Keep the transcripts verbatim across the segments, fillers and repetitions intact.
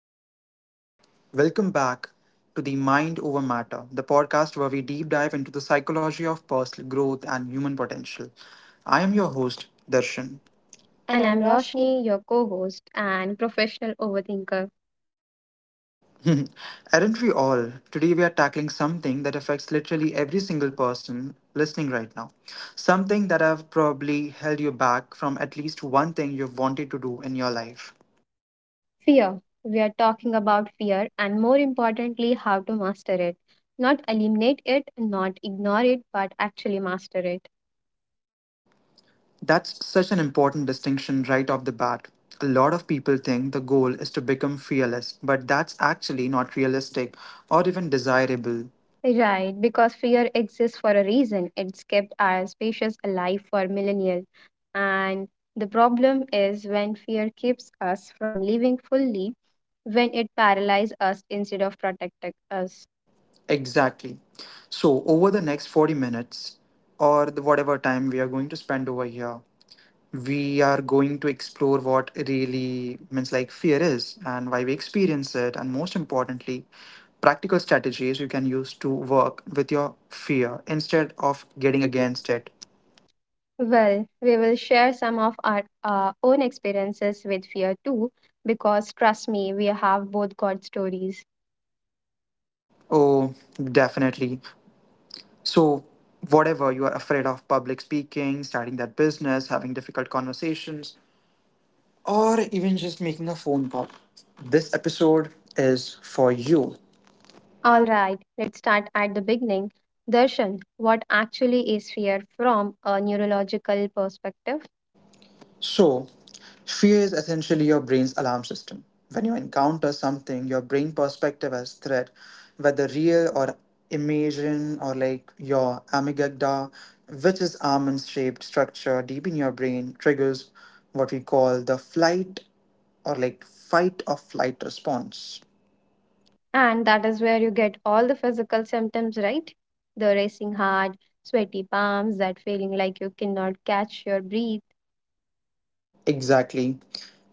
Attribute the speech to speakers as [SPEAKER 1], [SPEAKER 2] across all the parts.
[SPEAKER 1] Hey everyone, welcome back to the Mind Over Matter, the podcast where we deep dive into the psychology of personal growth and human potential. I am your host, Darshan.
[SPEAKER 2] Question.
[SPEAKER 1] And
[SPEAKER 2] And
[SPEAKER 1] I'm
[SPEAKER 2] I'm
[SPEAKER 1] Roshni.
[SPEAKER 2] Roshni, your co host and professional overthinker.
[SPEAKER 1] Aren't we all? Today we are tackling something that affects literally every single person listening right now. Something that have probably held you back from at least one thing you've wanted to do in your life.
[SPEAKER 2] Fear. We are talking about fear and more importantly, how to master it. Not eliminate it, not ignore it, but actually master it.
[SPEAKER 1] That's such an important distinction right off the bat. A lot of people think the goal is to become fearless, but that's actually not realistic or even
[SPEAKER 2] Agree.
[SPEAKER 1] desirable.
[SPEAKER 2] Right, because fear exists for a reason. It's kept our species alive for millennia. And the problem is when fear keeps us from living fully, when it paralyzes us instead of protecting us.
[SPEAKER 1] Exactly. So, over the next forty minutes, or the whatever time we are going to spend over here, we are going to explore what really means like fear is and why we experience it, and most importantly, practical strategies you can use to work with your fear instead of getting
[SPEAKER 2] Getting
[SPEAKER 1] against
[SPEAKER 2] against it.
[SPEAKER 1] it.
[SPEAKER 2] Well, we will share some of our uh, own experiences with fear too, because trust me, we have both got stories.
[SPEAKER 1] Oh, definitely. So, whatever you are afraid of public speaking, starting that business, having difficult conversations, or even just making a phone call, this episode is for you. All
[SPEAKER 2] All right, let's start at the beginning. Darshan, what actually is fear from a neurological perspective?
[SPEAKER 1] so, fear is essentially your brain's alarm system. When you encounter something, your brain perspective as threat, whether real or imagined or like your amygdala, which is almond shaped structure deep in your brain, triggers what we call the flight or like fight or flight response.
[SPEAKER 2] And that is where you get all the physical symptoms, right? The racing heart, sweaty palms, that feeling like you cannot catch your breath.
[SPEAKER 1] Exactly.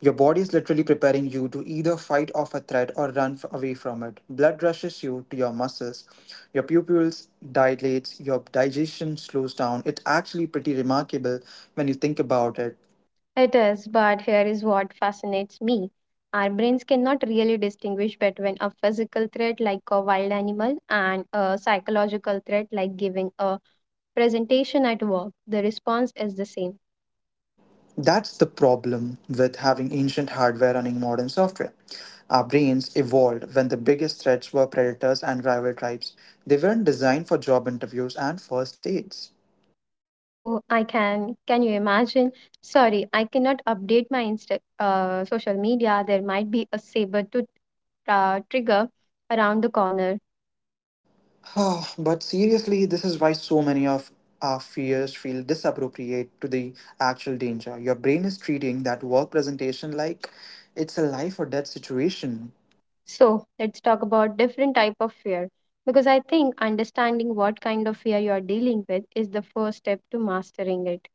[SPEAKER 1] Your body is literally preparing you to either fight off a threat or run f- away from it. Blood rushes you to your muscles. Your pupils dilates, your digestion slows down. It's actually pretty remarkable when you think about it.
[SPEAKER 2] It is, but here is what fascinates me. Our brains cannot really distinguish between a physical threat like a wild animal and a psychological threat like giving a presentation at work. The response is the same.
[SPEAKER 1] That's the problem with having ancient hardware running modern software. Our brains evolved when the biggest threats were predators and rival tribes. They weren't designed for job interviews and first aids.
[SPEAKER 2] Oh, I can. Can you imagine? Sorry, I cannot update my Insta- uh, social media. There might be a saber to uh, trigger around the corner.
[SPEAKER 1] Ah, but seriously, this is why so many of our fears feel disappropriate to the actual danger. Your brain is treating that work presentation like it's a life or death situation.
[SPEAKER 2] So let's talk about different type of fear because I think understanding what kind of fear you are dealing with is the first step to mastering it.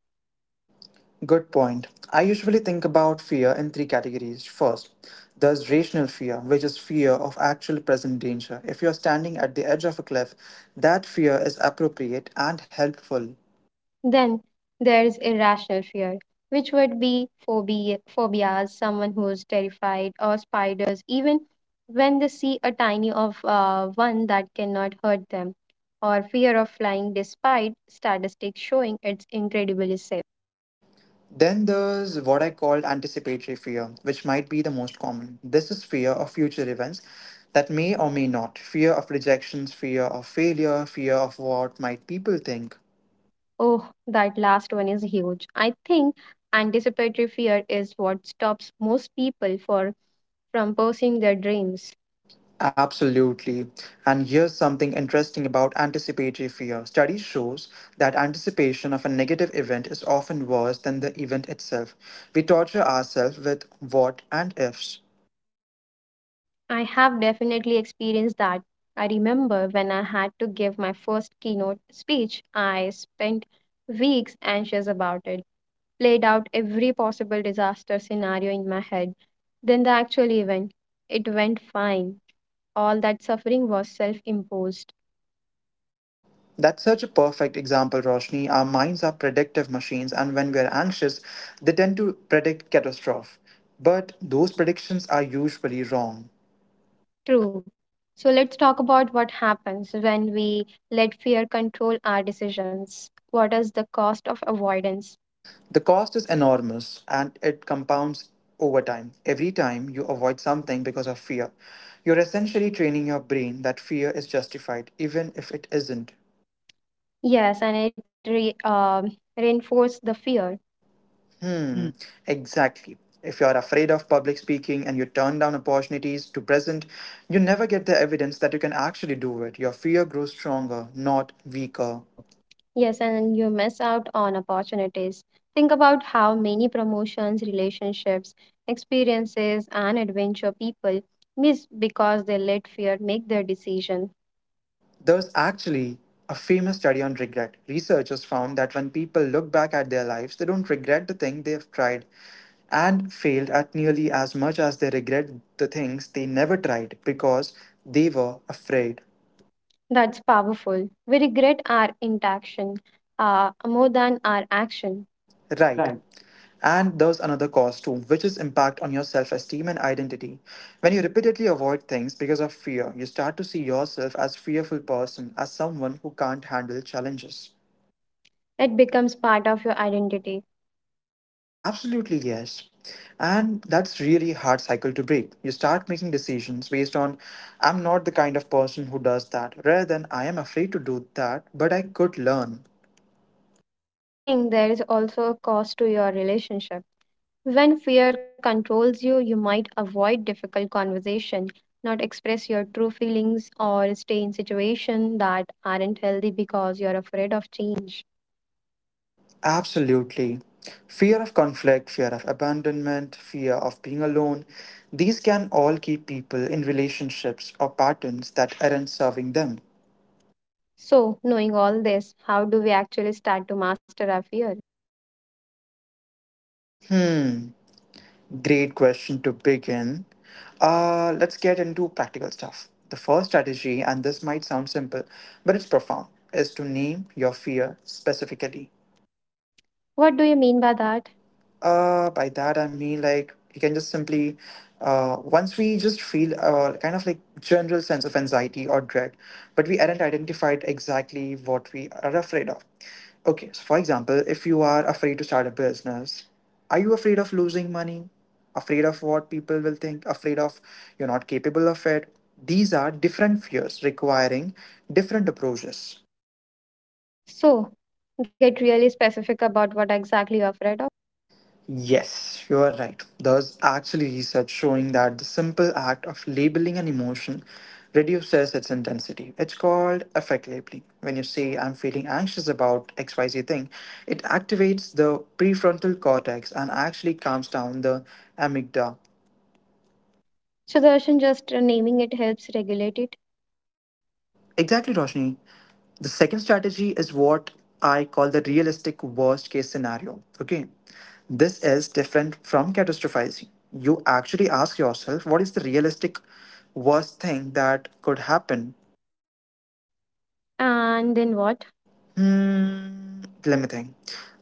[SPEAKER 1] Good point. I usually think about fear in three categories. First, there's rational fear, which is fear of actual present danger. If you're standing at the edge of a cliff, that fear is appropriate and helpful.
[SPEAKER 2] Then there is irrational fear, which would be phobia, phobias, someone who is terrified, or spiders, even when they see a tiny of uh, one that cannot hurt them, or fear of flying, despite statistics showing it's incredibly safe.
[SPEAKER 1] Then there's what I call anticipatory fear, which might be the most common. This is fear of future events that may or may not. Fear of rejections, fear of failure, fear of what might people think.
[SPEAKER 2] Oh, that last one is huge. I think anticipatory fear is what stops most people for from pursuing their dreams.
[SPEAKER 1] Absolutely. And here's something interesting about anticipatory fear. Studies shows that anticipation of a negative event is often worse than the event itself. We torture ourselves with what and ifs.
[SPEAKER 2] I have definitely experienced that. I remember when I had to give my first keynote speech, I spent weeks anxious about it, played out every possible disaster scenario in my head. Then the actual event, it went fine. All that suffering was self imposed.
[SPEAKER 1] That's such a perfect example, Roshni. Our minds are predictive machines, and when we are anxious, they tend to predict catastrophe. But those predictions are usually wrong.
[SPEAKER 2] True. So let's talk about what happens when we let fear control our decisions. What is the cost of avoidance?
[SPEAKER 1] The cost is enormous and it compounds over time. Every time you avoid something because of fear, you're essentially training your brain that fear is justified, even if it isn't.
[SPEAKER 2] Yes, and it re, um reinforces the fear.
[SPEAKER 1] Hmm,
[SPEAKER 2] Mm.
[SPEAKER 1] exactly. If you're afraid of public speaking and you turn down opportunities to present, you never get the evidence that you can actually do it. Your fear grows stronger, not weaker.
[SPEAKER 2] Oh. Yes, and you miss out on opportunities. Think about how many promotions, relationships, experiences, and adventure people miss because they let fear make their decision.
[SPEAKER 1] There's actually a famous study on regret. Researchers found that when people look back at their lives, they don't regret the thing they have tried and failed at nearly as much as they regret the things they never tried because they were afraid.
[SPEAKER 2] That's powerful. We regret our inaction uh, more than our action.
[SPEAKER 1] Right.
[SPEAKER 2] Right.
[SPEAKER 1] And there's another cause too, which is impact on your self esteem and identity. When you repeatedly avoid things because of fear, you start to see yourself as fearful person, as someone who can't handle challenges.
[SPEAKER 2] It becomes part of your identity.
[SPEAKER 1] Absolutely yes. And that's really hard cycle to break. You start making decisions based on I'm not the kind of person who does that, rather than I am afraid to do that, but I could learn.
[SPEAKER 2] I think there is also a cost to your relationship. When fear controls you, you might avoid difficult conversation, not express your true feelings, or stay in situations that aren't healthy because you're afraid of change.
[SPEAKER 1] Absolutely. Fear of conflict, fear of abandonment, fear of being alone, these can all keep people in relationships or patterns that aren't serving them.
[SPEAKER 2] So, knowing all this, how do we actually start to master our fear?
[SPEAKER 1] Hmm, great question to begin. Uh, let's get into practical stuff. The first strategy, and this might sound simple, but it's profound, is to name your fear specifically.
[SPEAKER 2] What do you mean by that?
[SPEAKER 1] Uh, by that I mean like you can just simply, uh, once we just feel uh, kind of like general sense of anxiety or dread, but we aren't identified exactly what we are afraid of. Okay, so for example, if you are afraid to start a business, are you afraid of losing money? Afraid of what people will think? Afraid of you're not capable of it? These are different fears requiring different approaches.
[SPEAKER 2] So, get really specific about what exactly you're afraid of.
[SPEAKER 1] Yes, you are right. There's actually research showing that the simple act of labeling an emotion reduces its intensity. It's called affect labeling. When you say, I'm feeling anxious about X Y Z thing, it activates the prefrontal cortex and actually calms down the amygdala.
[SPEAKER 2] So, Darshan, just uh, naming it helps regulate it.
[SPEAKER 1] Exactly, Roshni. The second strategy is what I call the realistic worst case scenario. Okay. This is different from catastrophizing. You actually ask yourself, what is the realistic worst thing that could happen?
[SPEAKER 2] And then what?
[SPEAKER 1] Hmm, let me think.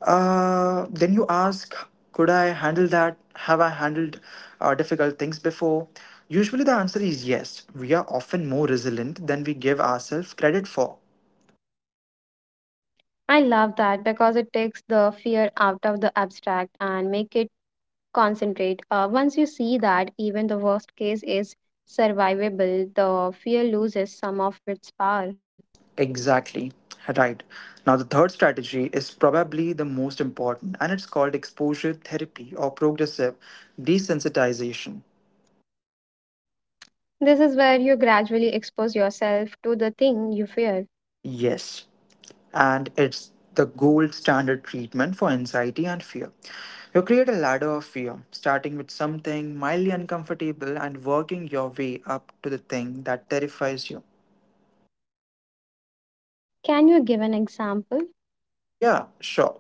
[SPEAKER 1] Uh, then you ask, could I handle that? Have I handled uh, difficult things before? Usually the answer is yes. We are often more resilient than we give ourselves credit for.
[SPEAKER 2] I love that because it takes the fear out of the abstract and make it concentrate. Uh, once you see that even the worst case is survivable, the fear loses some of its power.
[SPEAKER 1] Exactly. Right. Now, the third strategy is probably the most important, and it's called exposure therapy or progressive desensitization.
[SPEAKER 2] This is where you gradually expose yourself to the thing you fear.
[SPEAKER 1] Yes. And it's the gold standard treatment for anxiety and fear. You create a ladder of fear, starting with something mildly uncomfortable and working your way up to the thing that terrifies you.
[SPEAKER 2] Can you give an example?
[SPEAKER 1] Yeah, sure.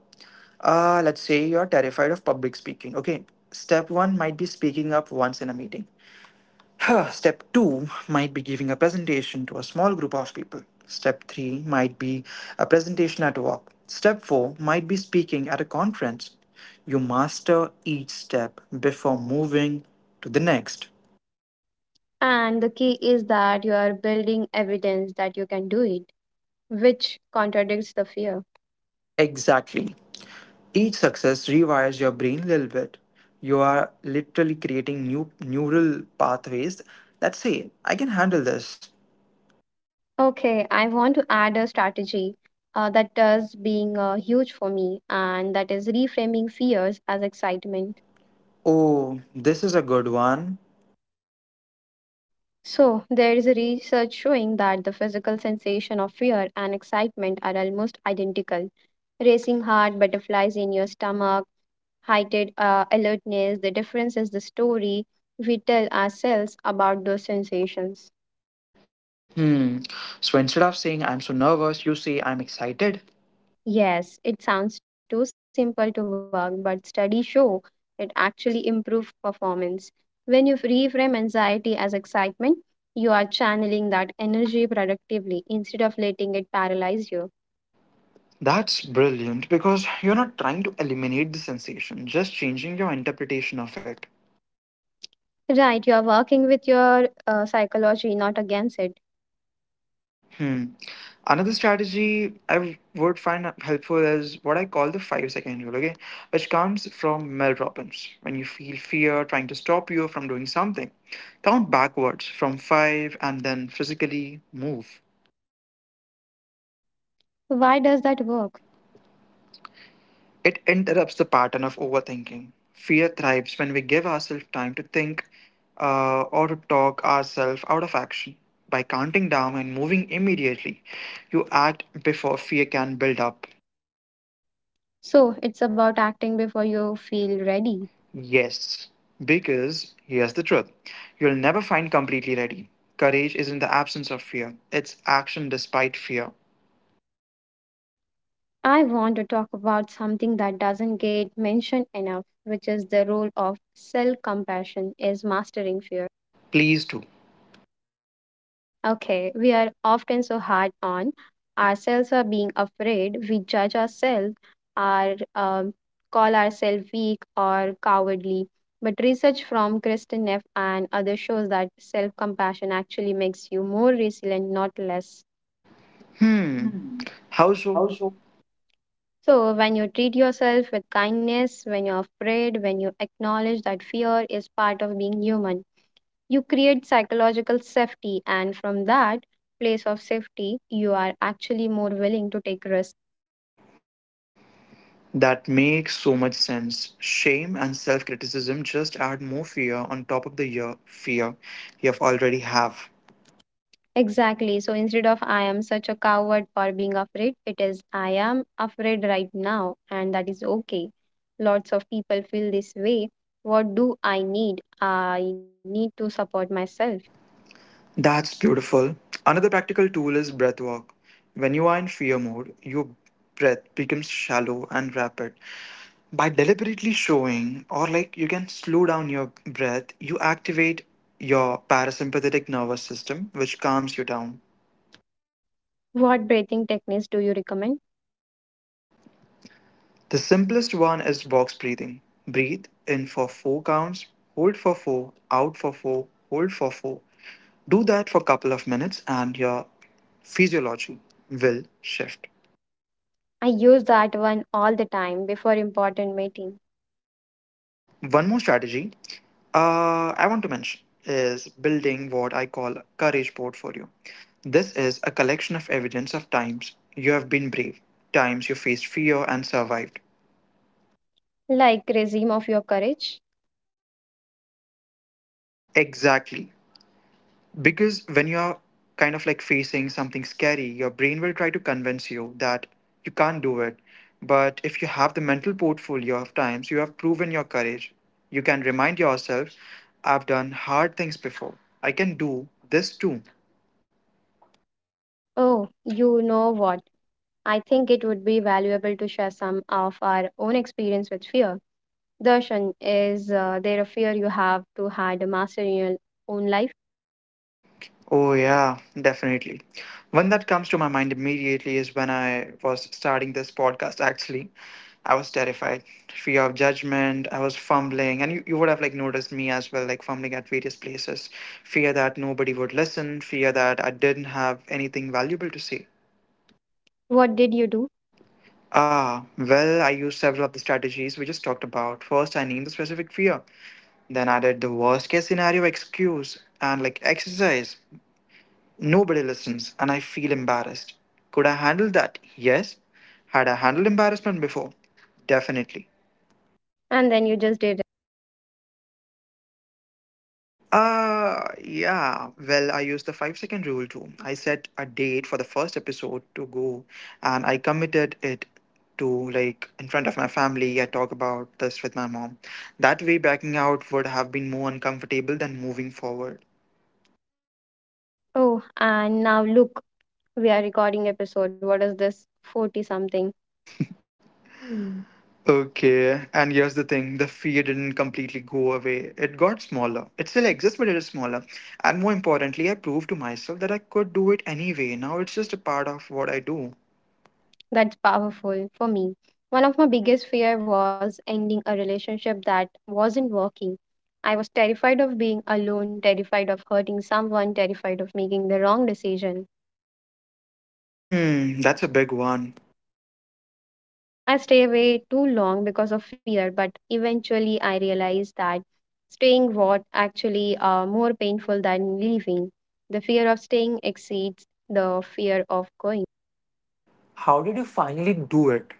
[SPEAKER 1] Uh, let's say you're terrified of public speaking. Okay, step one might be speaking up once in a meeting. Step two might be giving a presentation to a small group of people. Step three might be a presentation at work. Step four might be speaking at a conference. You master each step before moving to the next.
[SPEAKER 2] And the key is that you are building evidence that you can do it, which contradicts the fear.
[SPEAKER 1] Exactly. Each success rewires your brain a little bit. You are literally creating new neural pathways that say, I can handle this.
[SPEAKER 2] Okay, I want to add a strategy uh, that does being uh, huge for me, and that is reframing fears as excitement.
[SPEAKER 1] Oh, this is a good one.
[SPEAKER 2] So, there is a research showing that the physical sensation of fear and excitement are almost identical. Racing heart, butterflies in your stomach, heightened uh, alertness, the difference is the story we tell ourselves about those sensations.
[SPEAKER 1] Hmm. So instead of saying I'm so nervous, you say I'm excited.
[SPEAKER 2] Yes, it sounds too simple to work, but studies show it actually improves performance. When you reframe anxiety as excitement, you are channeling that energy productively instead of letting it paralyze you.
[SPEAKER 1] That's brilliant because you're not trying to eliminate the sensation, just changing your interpretation of it.
[SPEAKER 2] Right, you are working with your uh, psychology, not against it.
[SPEAKER 1] Hmm. Another strategy I would find helpful is what I call the five second rule, okay? Which comes from Mel Robbins. When you feel fear trying to stop you from doing something, count backwards from five and then physically move.
[SPEAKER 2] Why does that work?
[SPEAKER 1] It interrupts the pattern of overthinking. Fear thrives when we give ourselves time to think uh, or to talk ourselves out of action. By counting down and moving immediately, you act before fear can build up.
[SPEAKER 2] So, it's about acting before you feel ready.
[SPEAKER 1] Yes, because here's the truth you'll never find completely ready. Courage isn't the absence of fear, it's action despite fear.
[SPEAKER 2] I want to talk about something that doesn't get mentioned enough, which is the role of self compassion is mastering fear.
[SPEAKER 1] Please do.
[SPEAKER 2] Okay, we are often so hard on ourselves for being afraid. We judge ourselves, or um, call ourselves weak or cowardly. But research from Kristen Neff and others shows that self-compassion actually makes you more resilient, not less.
[SPEAKER 1] Hmm,
[SPEAKER 2] Hmm.
[SPEAKER 1] how
[SPEAKER 2] How
[SPEAKER 1] so?
[SPEAKER 2] so? So, when you treat yourself with kindness, when you're afraid, when you acknowledge that fear is part of being human, you create psychological safety, and from that place of safety, you are actually more willing to take risks.
[SPEAKER 1] That makes so much sense. Shame and self criticism just add more fear on top of the year fear you have already have.
[SPEAKER 2] Exactly. So instead of I am such a coward for being afraid, it is I am afraid right now, and that is okay. Lots of people feel this way. What do I need? I need to support myself.
[SPEAKER 1] That's beautiful. Another practical tool is breath work. When you are in fear mode, your breath becomes shallow and rapid. By deliberately showing or like you can slow down your breath, you activate your parasympathetic nervous system, which calms you down.
[SPEAKER 2] What breathing techniques do you recommend?
[SPEAKER 1] The simplest one is box breathing. Breathe in for four counts, hold for four, out for four, hold for four. Do that for a couple of minutes and your physiology will shift.
[SPEAKER 2] I use that one all the time before important meeting.
[SPEAKER 1] One more strategy uh, I want to mention is building what I call a courage portfolio. This is a collection of evidence of times you have been brave, times you faced fear and survived.
[SPEAKER 2] Like regime of your courage.
[SPEAKER 1] Exactly. Because when you're kind of like facing something scary, your brain will try to convince you that you can't do it. But if you have the mental portfolio of times you have proven your courage, you can remind yourself, I've done hard things before, I can do this too.
[SPEAKER 2] Oh, you know what? I think it would be valuable to share some of our own experience with fear. Darshan, is uh, there a fear you have to had a master in your own life?
[SPEAKER 1] Oh, yeah, definitely. One that comes to my mind immediately is when I was starting this podcast, actually. I was terrified, fear of judgment. I was fumbling, and you, you would have like noticed me as well, like fumbling at various places. Fear that nobody would listen, fear that I didn't have anything valuable to say.
[SPEAKER 2] What did you do?
[SPEAKER 1] Ah, well, I used several of the strategies we just talked about. First, I named the specific fear. Then I did the worst case scenario excuse and like exercise. Nobody listens, and I feel embarrassed. Could I handle that? Yes. Had I handled embarrassment before? Definitely.
[SPEAKER 2] And then you just did.
[SPEAKER 1] Uh, yeah. Well, I used the five second rule too. I set a date for the first episode to go, and I committed it to like in front of my family. I talk about this with my mom. That way, backing out would have been more uncomfortable than moving forward.
[SPEAKER 2] Oh, and now look, we are recording episode. What is this? forty something.
[SPEAKER 1] Okay, and here's the thing the fear didn't completely go away. It got smaller. It still exists, but it is smaller. And more importantly, I proved to myself that I could do it anyway. Now it's just a part of what I do.
[SPEAKER 2] That's powerful for me. One of my biggest fear was ending a relationship that wasn't working. I was terrified of being alone, terrified of hurting someone, terrified of making the wrong decision.
[SPEAKER 1] Hmm, that's a big one.
[SPEAKER 2] I stay away too long because of fear, but eventually I realized that staying was actually uh, more painful than leaving. The fear of staying exceeds the fear of going.
[SPEAKER 1] How did you finally do it?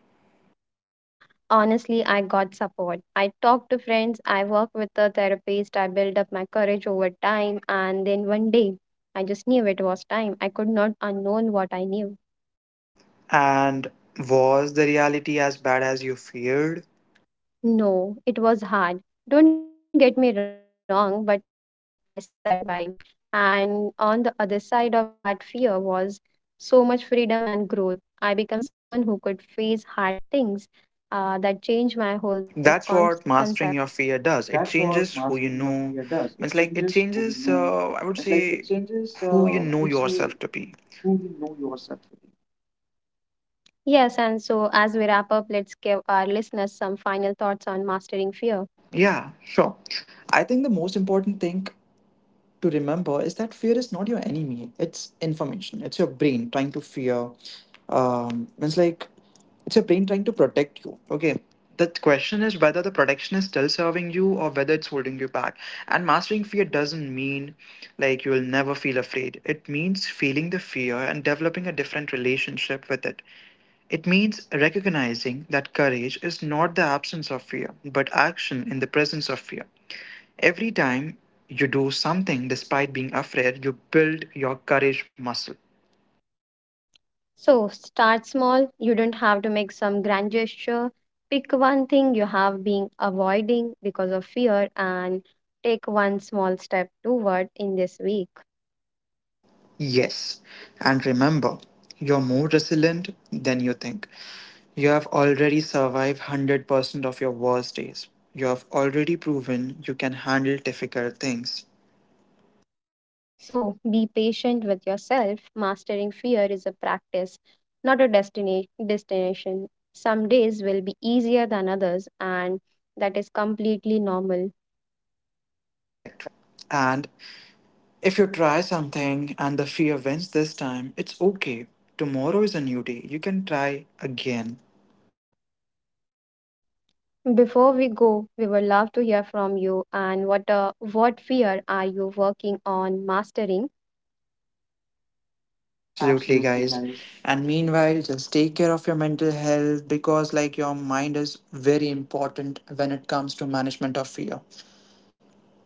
[SPEAKER 2] Honestly, I got support. I talked to friends, I worked with a therapist, I built up my courage over time, and then one day I just knew it was time. I could not unknown what I knew.
[SPEAKER 1] And was the reality as bad as you feared?
[SPEAKER 2] No, it was hard. Don't get me wrong, but I survived. And on the other side of that fear was so much freedom and growth. I became someone who could face hard things uh, that changed my whole self
[SPEAKER 1] That's what mastering your
[SPEAKER 2] concept.
[SPEAKER 1] fear does. It
[SPEAKER 2] That's what
[SPEAKER 1] changes who you
[SPEAKER 2] mastering your
[SPEAKER 1] know.
[SPEAKER 2] fear does. It
[SPEAKER 1] It's like it
[SPEAKER 2] changes who you
[SPEAKER 1] changes,
[SPEAKER 2] know.
[SPEAKER 1] uh, I would
[SPEAKER 2] It's like
[SPEAKER 1] say,
[SPEAKER 2] it changes,
[SPEAKER 1] who you
[SPEAKER 2] uh, I
[SPEAKER 1] know
[SPEAKER 2] would
[SPEAKER 1] yourself
[SPEAKER 2] say,
[SPEAKER 1] to be.
[SPEAKER 2] who you know yourself to be. Yes, and so as we wrap up, let's give our listeners some final thoughts on mastering fear.
[SPEAKER 1] Yeah, sure. I think the most important thing to remember is that fear is not your enemy. It's information. It's your brain trying to fear. Um, it's like it's your brain trying to protect you. Okay. The question is whether the protection is still serving you or whether it's holding you back. And mastering fear doesn't mean like you will never feel afraid. It means feeling the fear and developing a different relationship with it. It means recognizing that courage is not the absence of fear, but action in the presence of fear. Every time you do something despite being afraid, you build your courage muscle.
[SPEAKER 2] So start small. You don't have to make some grand gesture. Pick one thing you have been avoiding because of fear and take one small step toward in this week.
[SPEAKER 1] Yes, and remember, you're more resilient than you think. You have already survived one hundred percent of your worst days. You have already proven you can handle difficult things.
[SPEAKER 2] So be patient with yourself. Mastering fear is a practice, not a destina- destination. Some days will be easier than others, and that is completely normal.
[SPEAKER 1] Correct. And if you try something and the fear wins this time, it's okay. Tomorrow is a new day. You can try again.
[SPEAKER 2] Before we go, we would love to hear from you and what uh, what fear are you working on mastering.
[SPEAKER 1] Absolutely,
[SPEAKER 2] Absolutely,
[SPEAKER 1] guys.
[SPEAKER 2] guys.
[SPEAKER 1] And meanwhile, just take care of your mental health because, like, your mind is very important when it comes to management of fear.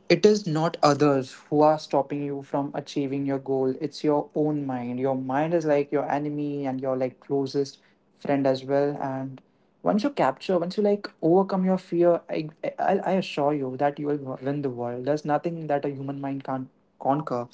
[SPEAKER 1] It is not others who are stopping you from achieving your goal, it's your own mind. Your mind is like your enemy and your like closest friend as well. And once you capture, once you like overcome your fear, I, I, I assure you that you will win the world. There's nothing that a human mind can't conquer.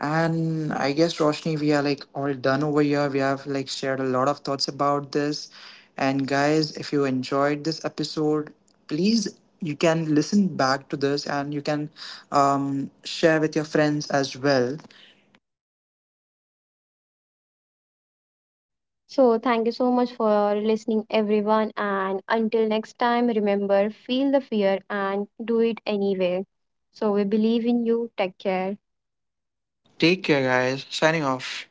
[SPEAKER 1] And I guess Roshni, we are like all done over here. We have like shared a lot of thoughts about this. And guys, if you enjoyed this episode, please you can listen back to this and you can um, share with your friends as well.
[SPEAKER 2] So, thank you so much for listening, everyone. And until next time, remember feel the fear and do it anyway. So, we believe in you. Take care.
[SPEAKER 1] Take care, guys. Signing off.